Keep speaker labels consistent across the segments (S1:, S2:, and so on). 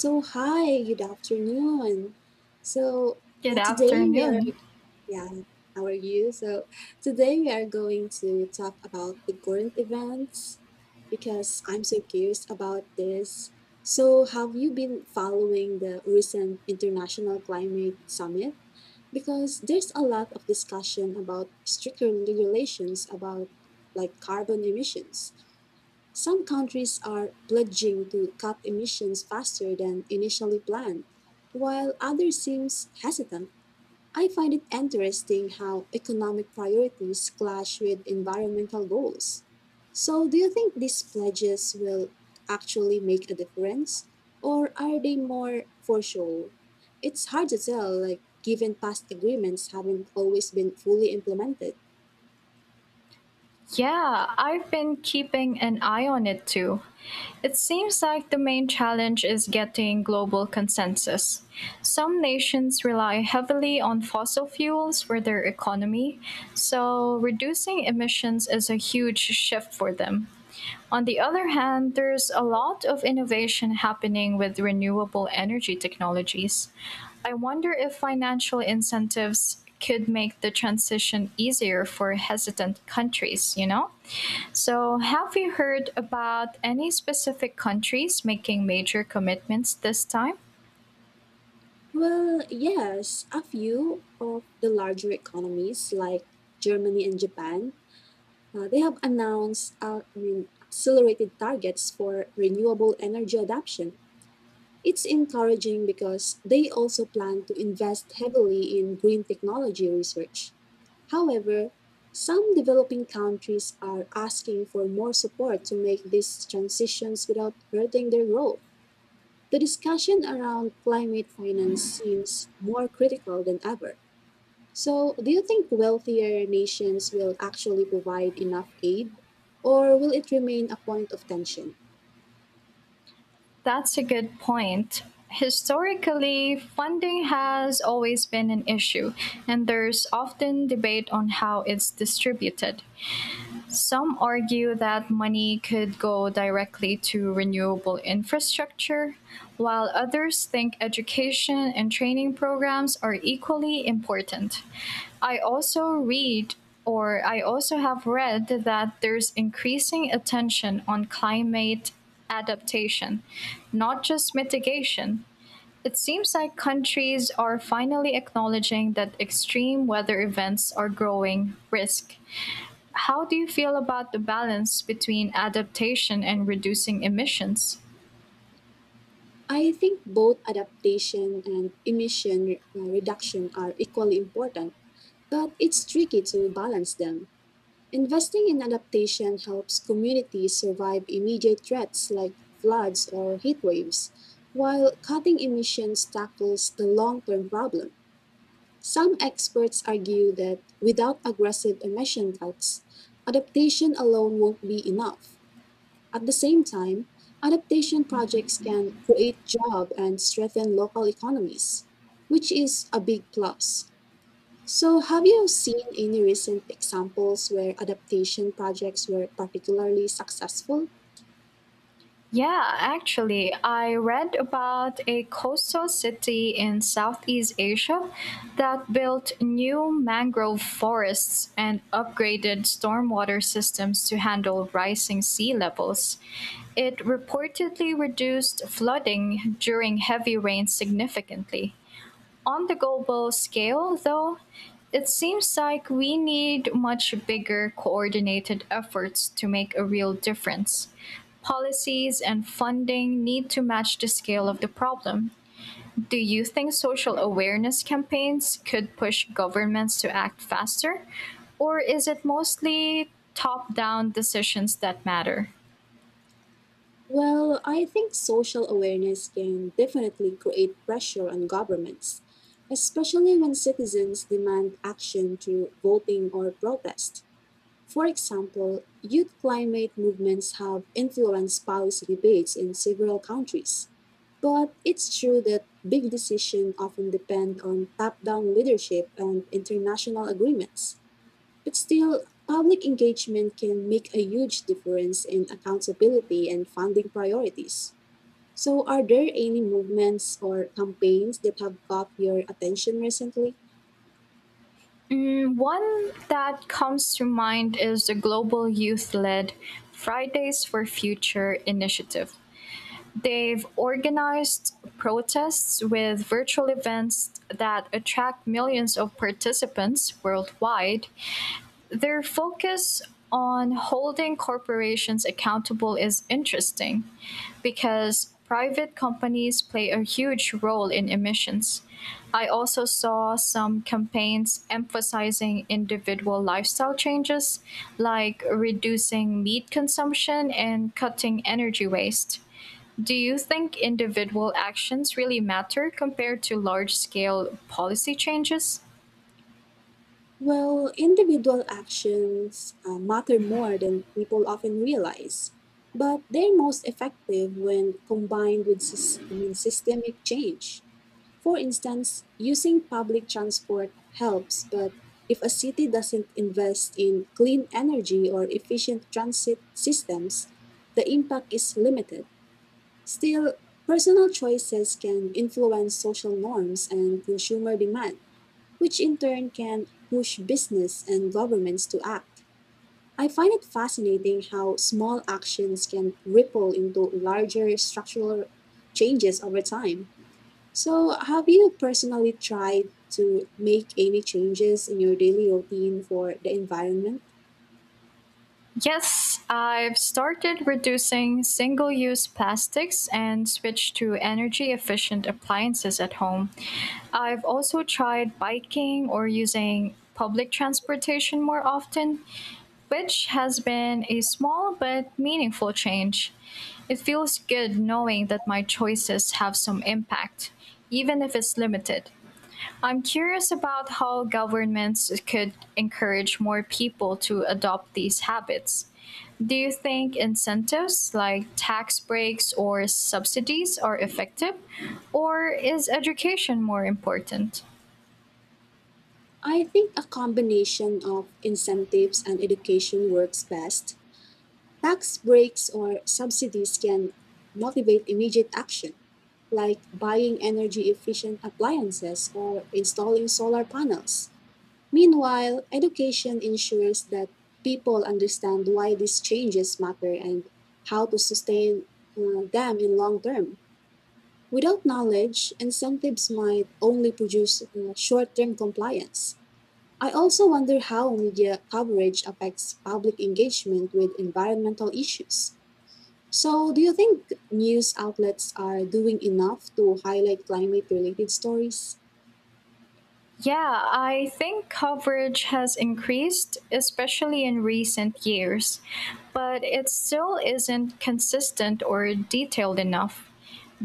S1: So hi, good afternoon. So yeah,
S2: Good
S1: today we are
S2: afternoon.
S1: yeah, how are you? So today we are going to talk about the current events because I'm so curious about this. So have you been following the recent International Climate Summit? Because there's a lot of discussion about stricter regulations about like carbon emissions. Some countries are pledging to cut emissions faster than initially planned, while others seem hesitant. I find it interesting how economic priorities clash with environmental goals. So, do you think these pledges will actually make a difference, or are they more for show? It's hard to tell, like, given past agreements haven't always been fully implemented.
S2: Yeah, I've been keeping an eye on it too. It seems like the main challenge is getting global consensus. Some nations rely heavily on fossil fuels for their economy, so reducing emissions is a huge shift for them. On the other hand, there's a lot of innovation happening with renewable energy technologies. I wonder if financial incentives could make the transition easier for hesitant countries, you know? So, have you heard about any specific countries making major commitments this time?
S1: Well, yes, a few of the larger economies like Germany and Japan, they have announced accelerated targets for renewable energy adoption. It's encouraging because they also plan to invest heavily in green technology research. However, some developing countries are asking for more support to make these transitions without hurting their growth. The discussion around climate finance seems more critical than ever. So, do you think wealthier nations will actually provide enough aid, or will it remain a point of tension?
S2: That's a good point. Historically, funding has always been an issue, and there's often debate on how it's distributed. Some argue that money could go directly to renewable infrastructure, while others think education and training programs are equally important. I also read I also have read that there's increasing attention on climate adaptation, not just mitigation. It seems like countries are finally acknowledging that extreme weather events are growing risk. How do you feel about the balance between adaptation and reducing emissions?
S1: I think both adaptation and emission reduction are equally important, but it's tricky to balance them. Investing in adaptation helps communities survive immediate threats like floods or heat waves, while cutting emissions tackles the long term problem. Some experts argue that without aggressive emission cuts, adaptation alone won't be enough. At the same time, adaptation projects can create jobs and strengthen local economies, which is a big plus. So, have you seen any recent examples where adaptation projects were particularly successful?
S2: Yeah, actually, I read about a coastal city in Southeast Asia that built new mangrove forests and upgraded stormwater systems to handle rising sea levels. It reportedly reduced flooding during heavy rains significantly. On the global scale, though, it seems like we need much bigger coordinated efforts to make a real difference. Policies and funding need to match the scale of the problem. Do you think social awareness campaigns could push governments to act faster? Or is it mostly top down decisions that matter?
S1: Well, I think social awareness can definitely create pressure on governments, especially when citizens demand action through voting or protest. For example, youth climate movements have influenced policy debates in several countries. But it's true that big decisions often depend on top down leadership and international agreements. But still, public engagement can make a huge difference in accountability and funding priorities. So, are there any movements or campaigns that have caught your attention recently?
S2: One that comes to mind is the global youth led Fridays for Future initiative. They've organized protests with virtual events that attract millions of participants worldwide. Their focus on holding corporations accountable is interesting because private companies play a huge role in emissions. I also saw some campaigns emphasizing individual lifestyle changes, like reducing meat consumption and cutting energy waste. Do you think individual actions really matter compared to large scale policy changes?
S1: Well, individual actions matter more than people often realize, but they're most effective when combined with systemic change. For instance, using public transport helps, but if a city doesn't invest in clean energy or efficient transit systems, the impact is limited. Still, personal choices can influence social norms and consumer demand which in turn can push business and governments to act. I find it fascinating how small actions can ripple into larger structural changes over time. So, have you personally tried to make any changes in your daily routine for the environment?
S2: Yes, I've started reducing single use plastics and switched to energy efficient appliances at home. I've also tried biking or using public transportation more often, which has been a small but meaningful change. It feels good knowing that my choices have some impact, even if it's limited. I'm curious about how governments could encourage more people to adopt these habits. Do you think incentives like tax breaks or subsidies are effective, or is education more important?
S1: I think a combination of incentives and education works best. Tax breaks or subsidies can motivate immediate action, like buying energy efficient appliances or installing solar panels. Meanwhile, education ensures that people understand why these changes matter and how to sustain them in long term. Without knowledge, incentives might only produce short term compliance. I also wonder how media coverage affects public engagement with environmental issues. So, do you think news outlets are doing enough to highlight climate related stories?
S2: Yeah, I think coverage has increased, especially in recent years, but it still isn't consistent or detailed enough.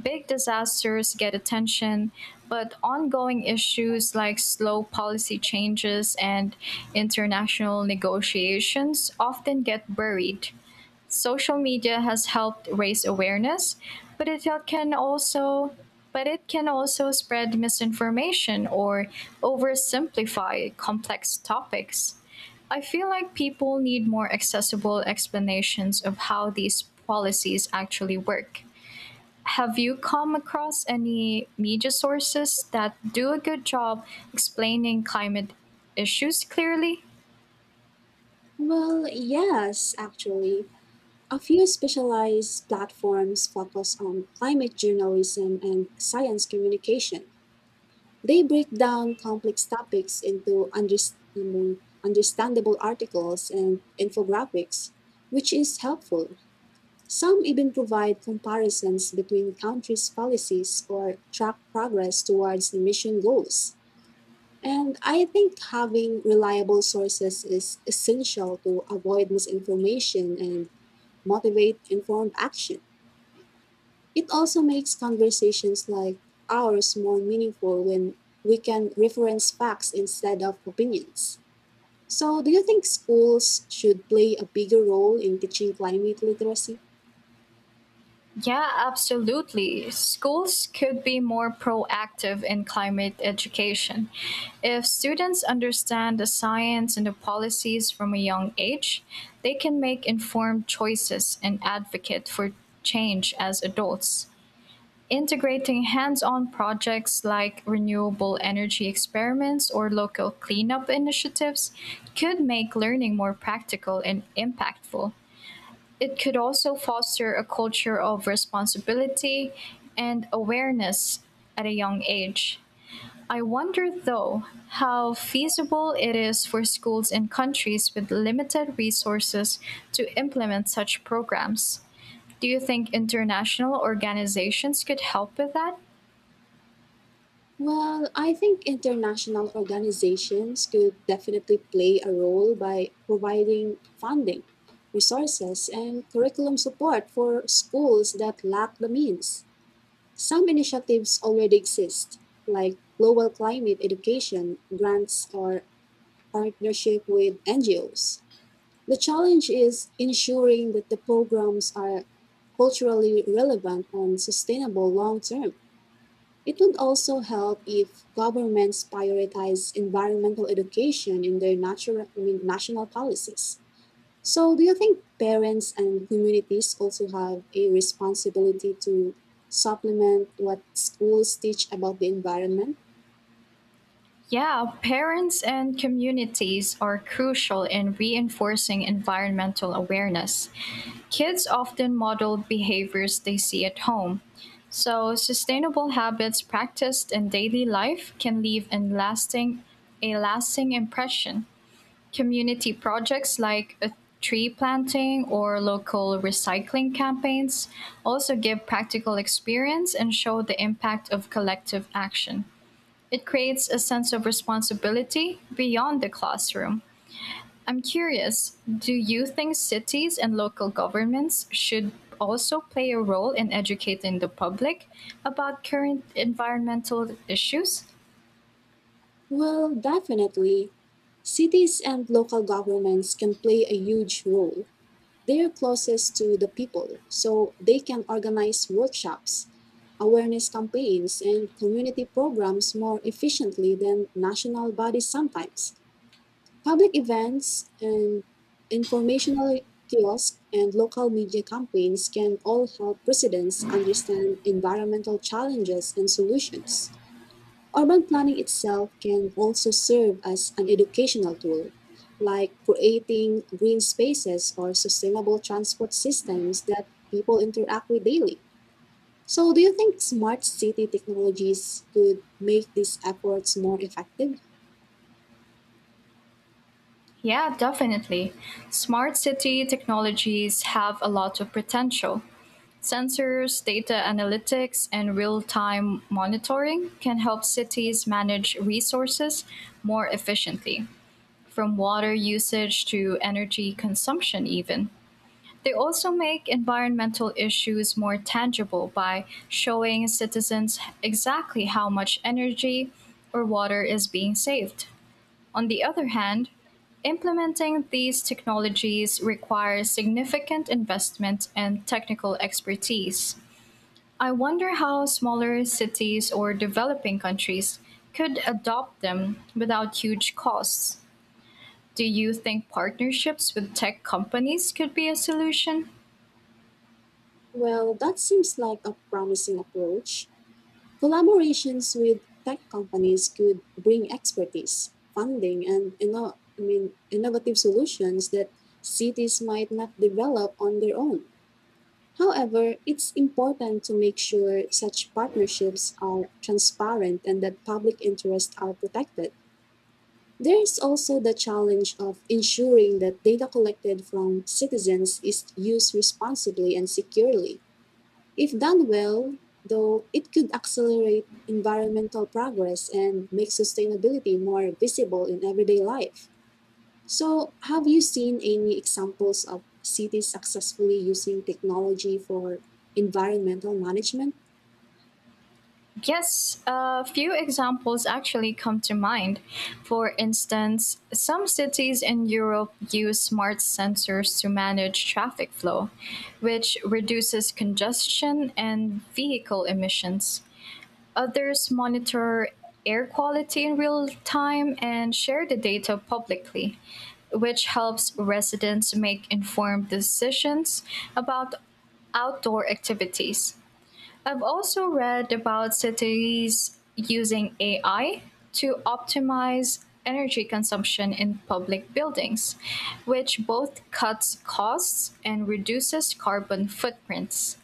S2: Big disasters get attention, but ongoing issues like slow policy changes and international negotiations often get buried. Social media has helped raise awareness, but it can also but it can also spread misinformation or oversimplify complex topics. I feel like people need more accessible explanations of how these policies actually work. Have you come across any media sources that do a good job explaining climate issues clearly?
S1: Well, yes, actually. A few specialized platforms focus on climate journalism and science communication. They break down complex topics into understandable articles and infographics, which is helpful. Some even provide comparisons between countries' policies or track progress towards emission goals. And I think having reliable sources is essential to avoid misinformation and motivate informed action. It also makes conversations like ours more meaningful when we can reference facts instead of opinions. So, do you think schools should play a bigger role in teaching climate literacy?
S2: Yeah, absolutely. Schools could be more proactive in climate education. If students understand the science and the policies from a young age, they can make informed choices and advocate for change as adults. Integrating hands on projects like renewable energy experiments or local cleanup initiatives could make learning more practical and impactful. It could also foster a culture of responsibility and awareness at a young age. I wonder, though, how feasible it is for schools in countries with limited resources to implement such programs. Do you think international organizations could help with that?
S1: Well, I think international organizations could definitely play a role by providing funding, resources, and curriculum support for schools that lack the means. Some initiatives already exist, like global climate education grants or partnership with NGOs. The challenge is ensuring that the programs are culturally relevant and sustainable long term. It would also help if governments prioritize environmental education in their national policies. So, do you think parents and communities also have a responsibility to supplement what schools teach about the environment?
S2: Yeah, parents and communities are crucial in reinforcing environmental awareness. Kids often model behaviors they see at home. So, sustainable habits practiced in daily life can leave a lasting impression. Community projects like a tree planting or local recycling campaigns also give practical experience and show the impact of collective action. It creates a sense of responsibility beyond the classroom. I'm curious, do you think cities and local governments should also play a role in educating the public about current environmental issues?
S1: Well, definitely. Cities and local governments can play a huge role. They are closest to the people, so they can organize workshops, awareness campaigns, and community programs more efficiently than national bodies sometimes. Public events and informational kiosks and local media campaigns can all help residents understand environmental challenges and solutions. Urban planning itself can also serve as an educational tool, like creating green spaces or sustainable transport systems that people interact with daily. So, do you think smart city technologies could make these efforts more effective?
S2: Yeah, definitely. Smart city technologies have a lot of potential. Sensors, data analytics, and real time monitoring can help cities manage resources more efficiently, from water usage to energy consumption, even. They also make environmental issues more tangible by showing citizens exactly how much energy or water is being saved. On the other hand, implementing these technologies requires significant investment and technical expertise. I wonder how smaller cities or developing countries could adopt them without huge costs. Do you think partnerships with tech companies could be a solution?
S1: Well, that seems like a promising approach. Collaborations with tech companies could bring expertise, funding, and innovative solutions that cities might not develop on their own. However, it's important to make sure such partnerships are transparent and that public interests are protected. There is also the challenge of ensuring that data collected from citizens is used responsibly and securely. If done well, though, it could accelerate environmental progress and make sustainability more visible in everyday life. So, have you seen any examples of cities successfully using technology for environmental management?
S2: Yes, a few examples actually come to mind. For instance, some cities in Europe use smart sensors to manage traffic flow, which reduces congestion and vehicle emissions. Others monitor air quality in real time and share the data publicly, which helps residents make informed decisions about outdoor activities. I've also read about cities using AI to optimize energy consumption in public buildings, which both cuts costs and reduces carbon footprints.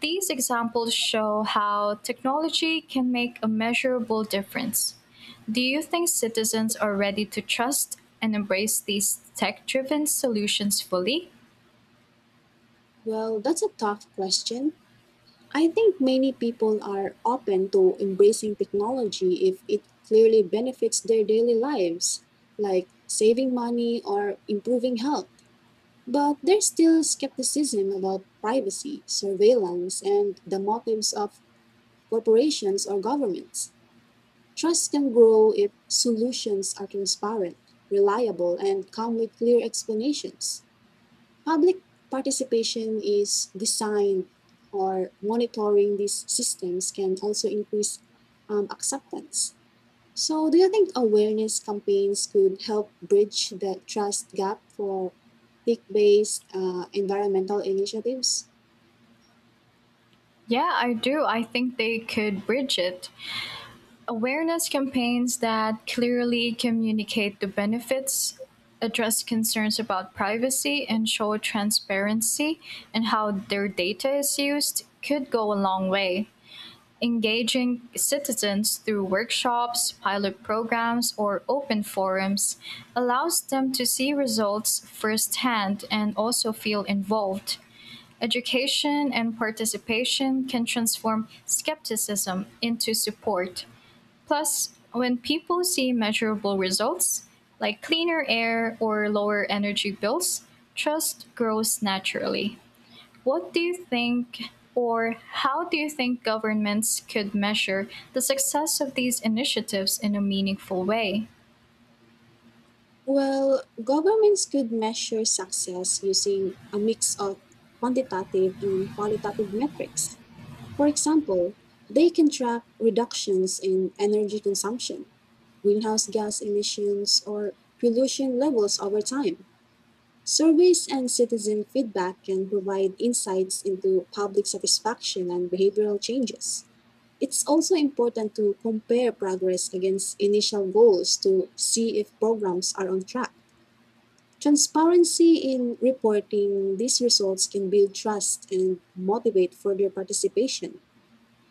S2: These examples show how technology can make a measurable difference. Do you think citizens are ready to trust and embrace these tech driven solutions fully?
S1: Well, that's a tough question. I think many people are open to embracing technology if it clearly benefits their daily lives, like saving money or improving health. But there's still skepticism about privacy, surveillance, and the motives of corporations or governments. Trust can grow if solutions are transparent, reliable, and come with clear explanations. Public participation is designed or monitoring these systems can also increase acceptance. So, do you think awareness campaigns could help bridge the trust gap for tech based environmental initiatives?
S2: Yeah, I do. I think they could bridge it. Awareness campaigns that clearly communicate the benefits, address concerns about privacy, and show transparency in how their data is used could go a long way. Engaging citizens through workshops, pilot programs, or open forums allows them to see results firsthand and also feel involved. Education and participation can transform skepticism into support. Plus, when people see measurable results, like cleaner air or lower energy bills, trust grows naturally. What do you think, or how do you think governments could measure the success of these initiatives in a meaningful way?
S1: Well, governments could measure success using a mix of quantitative and qualitative metrics. For example, they can track reductions in energy consumption, greenhouse gas emissions, or pollution levels over time. Surveys and citizen feedback can provide insights into public satisfaction and behavioral changes. It's also important to compare progress against initial goals to see if programs are on track. Transparency in reporting these results can build trust and motivate further participation.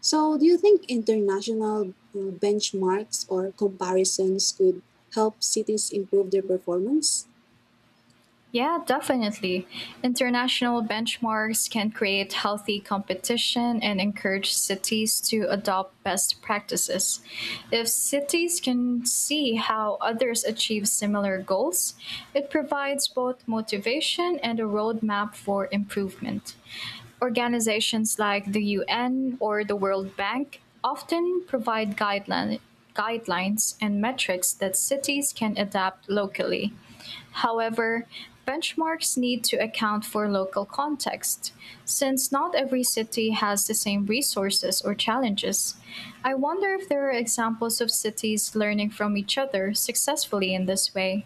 S1: So, do you think international benchmarks or comparisons could help cities improve their performance?
S2: Yeah, definitely. International benchmarks can create healthy competition and encourage cities to adopt best practices. If cities can see how others achieve similar goals, it provides both motivation and a roadmap for improvement. Organizations like the UN or the World Bank often provide guidelines and metrics that cities can adapt locally. However, benchmarks need to account for local context. Since not every city has the same resources or challenges, I wonder if there are examples of cities learning from each other successfully in this way.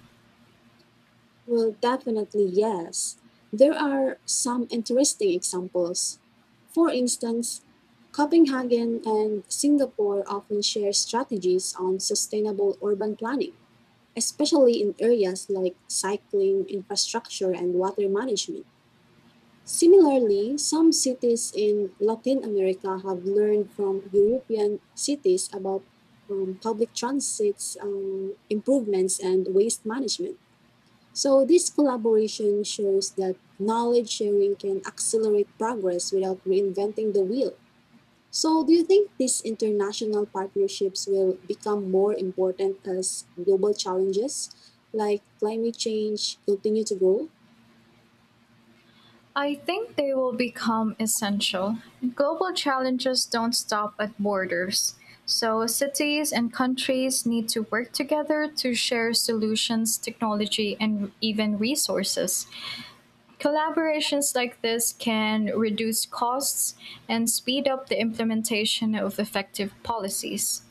S1: Well, definitely yes. There are some interesting examples. For instance, Copenhagen and Singapore often share strategies on sustainable urban planning, especially in areas like cycling infrastructure and water management. Similarly, some cities in Latin America have learned from European cities about public transit improvements and waste management. So, this collaboration shows that knowledge sharing can accelerate progress without reinventing the wheel. So, do you think these international partnerships will become more important as global challenges like climate change continue to grow?
S2: I think they will become essential. Global challenges don't stop at borders. So, cities and countries need to work together to share solutions, technology, and even resources. Collaborations like this can reduce costs and speed up the implementation of effective policies.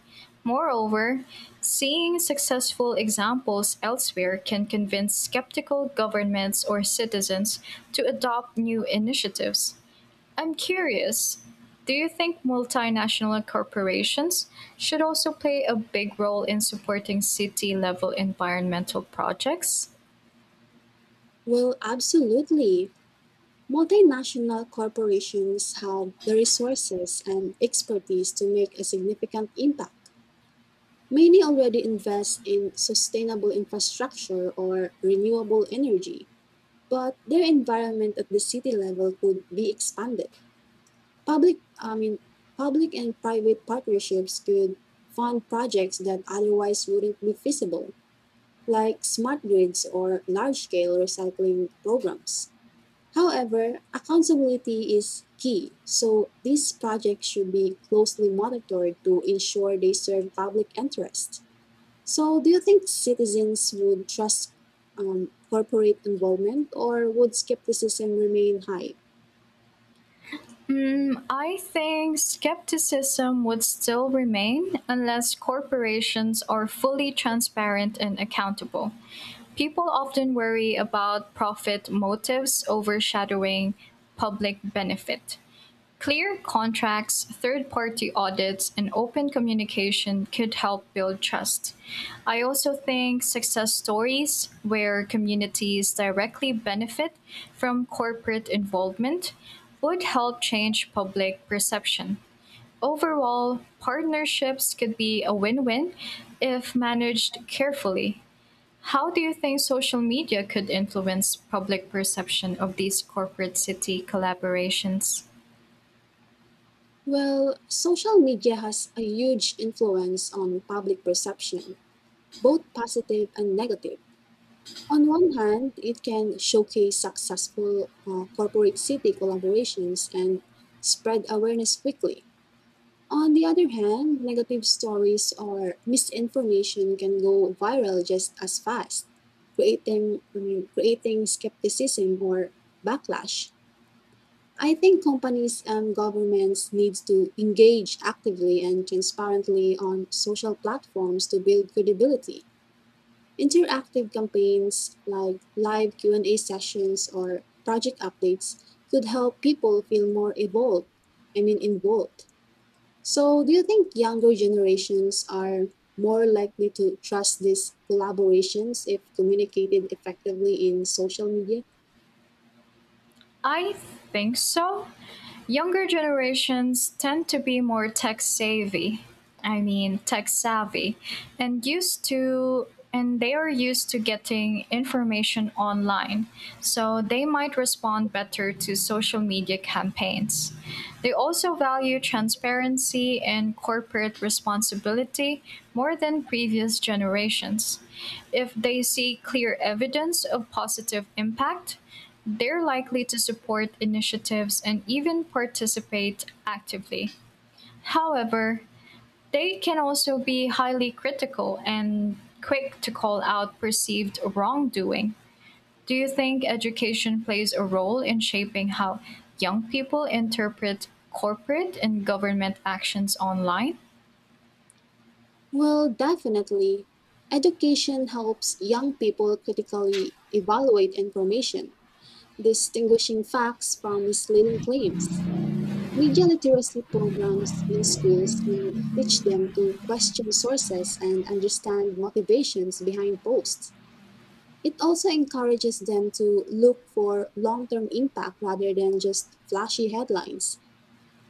S2: Moreover, seeing successful examples elsewhere can convince skeptical governments or citizens to adopt new initiatives. I'm curious, do you think multinational corporations should also play a big role in supporting city level environmental projects?
S1: Well, absolutely. Multinational corporations have the resources and expertise to make a significant impact. Many already invest in sustainable infrastructure or renewable energy, but their environment at the city level could be expanded. Public, I mean, Public and private partnerships could fund projects that otherwise wouldn't be feasible, like smart grids or large-scale recycling programs. However, accountability is key, so these projects should be closely monitored to ensure they serve public interest. So, do you think citizens would trust corporate involvement or would skepticism remain high?
S2: I think skepticism would still remain unless corporations are fully transparent and accountable. People often worry about profit motives overshadowing public benefit. Clear contracts, third party audits, and open communication could help build trust. I also think success stories where communities directly benefit from corporate involvement would help change public perception. Overall, partnerships could be a win win if managed carefully. How do you think social media could influence public perception of these corporate city collaborations?
S1: Well, social media has a huge influence on public perception, both positive and negative. On one hand, it can showcase successful corporate city collaborations and spread awareness quickly. On the other hand, negative stories or misinformation can go viral just as fast, creating skepticism or backlash. I think companies and governments need to engage actively and transparently on social platforms to build credibility. Interactive campaigns like live Q&A sessions or project updates could help people feel more involved. I mean involved. So, do you think younger generations are more likely to trust these collaborations if communicated effectively in social media?
S2: I think so. Younger generations tend to be more tech savvy. I mean, tech savvy and used to and they are used to getting information online. So they might respond better to social media campaigns. They also value transparency and corporate responsibility more than previous generations. If they see clear evidence of positive impact, they're likely to support initiatives and even participate actively. However, they can also be highly critical and quick to call out perceived wrongdoing. Do you think education plays a role in shaping how young people interpret corporate and government actions online?
S1: Well, definitely. Education helps young people critically evaluate information, distinguishing facts from misleading claims. Media literacy programs in schools can teach them to question sources and understand motivations behind posts. It also encourages them to look for long term impact rather than just flashy headlines.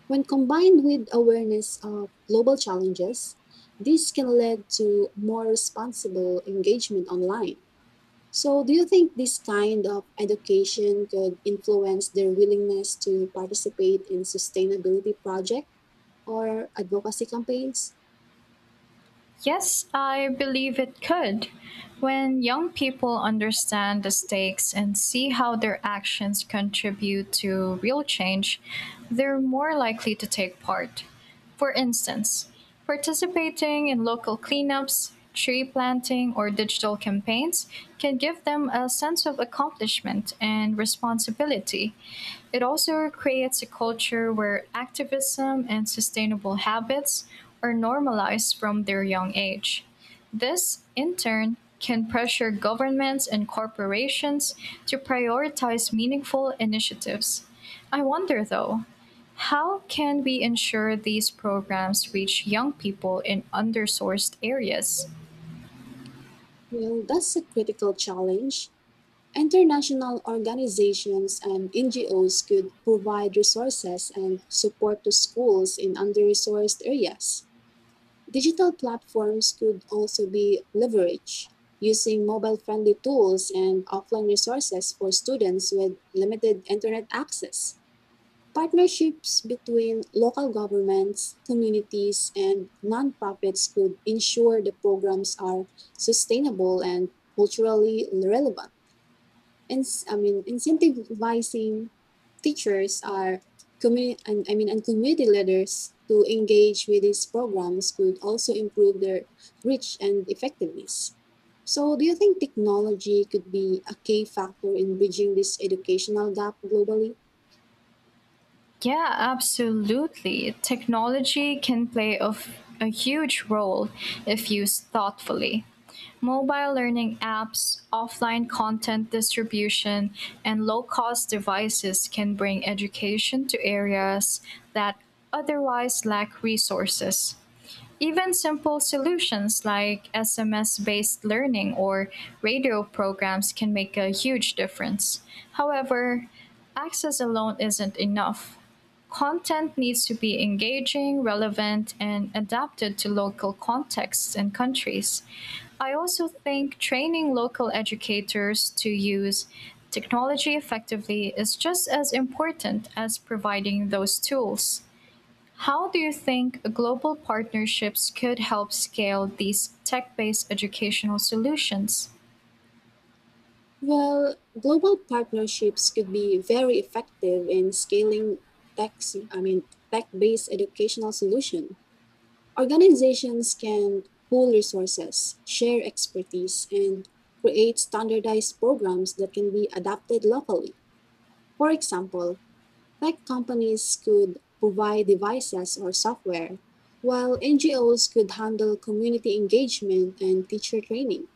S1: When combined with awareness of global challenges, this can lead to more responsible engagement online. So, do you think this kind of education could influence their willingness to participate in sustainability projects or advocacy campaigns?
S2: Yes, I believe it could. When young people understand the stakes and see how their actions contribute to real change, they're more likely to take part. For instance, participating in local cleanups, tree planting, or digital campaigns can give them a sense of accomplishment and responsibility. It also creates a culture where activism and sustainable habits are normalized from their young age. This, in turn, can pressure governments and corporations to prioritize meaningful initiatives. I wonder, though, how can we ensure these programs reach young people in undersourced areas?
S1: Well, that's a critical challenge. International organizations and NGOs could provide resources and support to schools in under resourced areas. Digital platforms could also be leveraged using mobile friendly tools and offline resources for students with limited internet access. Partnerships between local governments, communities, and nonprofits could ensure the programs are sustainable and culturally relevant. And incentivizing teachers are community and I mean and community leaders to engage with these programs could also improve their reach and effectiveness. So, do you think technology could be a key factor in bridging this educational gap globally?
S2: Yeah, absolutely. Technology can play a huge role if used thoughtfully. Mobile learning apps, offline content distribution, and low cost devices can bring education to areas that otherwise lack resources. Even simple solutions like SMS based learning or radio programs can make a huge difference. However, access alone isn't enough. Content needs to be engaging, relevant, and adapted to local contexts and countries. I also think training local educators to use technology effectively is just as important as providing those tools. How do you think global partnerships could help scale these tech based educational solutions?
S1: Well, global partnerships could be very effective in scaling tech, I mean, tech-based educational solution. Organizations can pool resources, share expertise, and create standardized programs that can be adapted locally. For example, tech companies could provide devices or software, while NGOs could handle community engagement and teacher training.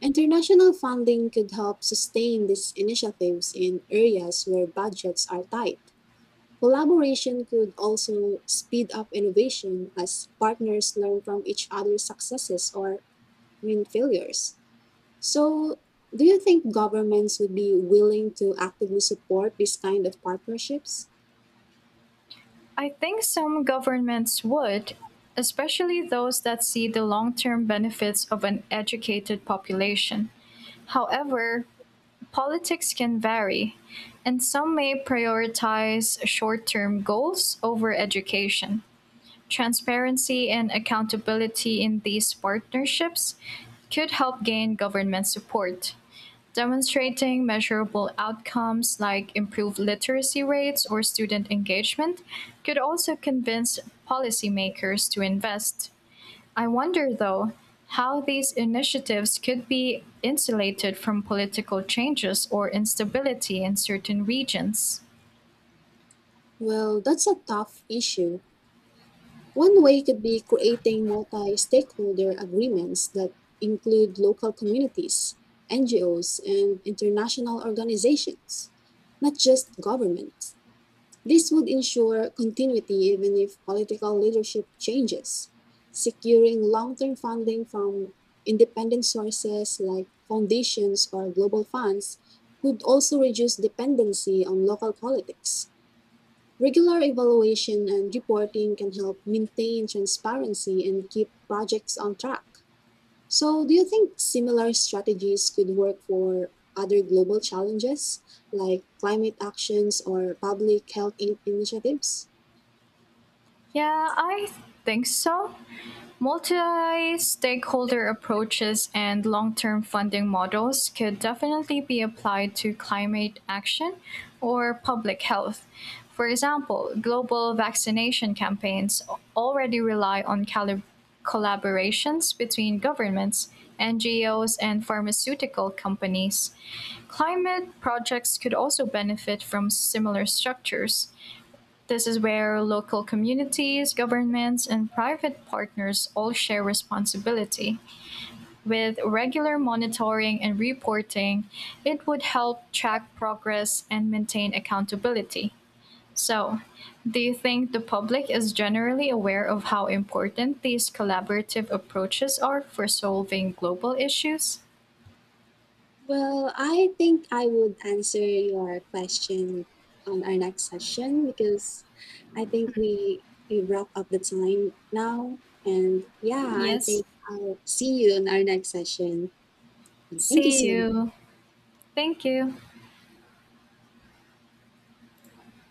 S1: International funding could help sustain these initiatives in areas where budgets are tight. Collaboration could also speed up innovation as partners learn from each other's successes or win failures. So, do you think governments would be willing to actively support this kind of partnerships?
S2: I think some governments would, especially those that see the long term benefits of an educated population. However, politics can vary, and some may prioritize short term goals over education. Transparency and accountability in these partnerships could help gain government support. Demonstrating measurable outcomes like improved literacy rates or student engagement could also convince policymakers to invest. I wonder, though, how these initiatives could be insulated from political changes or instability in certain regions.
S1: Well, that's a tough issue. One way could be creating multi stakeholder agreements that include local communities, NGOs, and international organizations, not just governments. This would ensure continuity even if political leadership changes. Securing long term funding from independent sources like foundations or global funds could also reduce dependency on local politics. Regular evaluation and reporting can help maintain transparency and keep projects on track. So, do you think similar strategies could work for other global challenges like climate actions or public health initiatives?
S2: Yeah, I think so. Multi stakeholder approaches and long term funding models could definitely be applied to climate action or public health. For example, global vaccination campaigns already rely on collaborations between governments, NGOs, and pharmaceutical companies. Climate projects could also benefit from similar structures this is where local communities, governments, and private partners all share responsibility. With regular monitoring and reporting, it would help track progress and maintain accountability. So, do you think the public is generally aware of how important these collaborative approaches are for solving global issues?
S1: Well, I think I would answer your question on our next session because I think we wrap up the time now. And yeah, I
S2: Yes.
S1: think I'll see you on our next session. Thank you
S2: See
S1: so much.
S2: you. Thank you.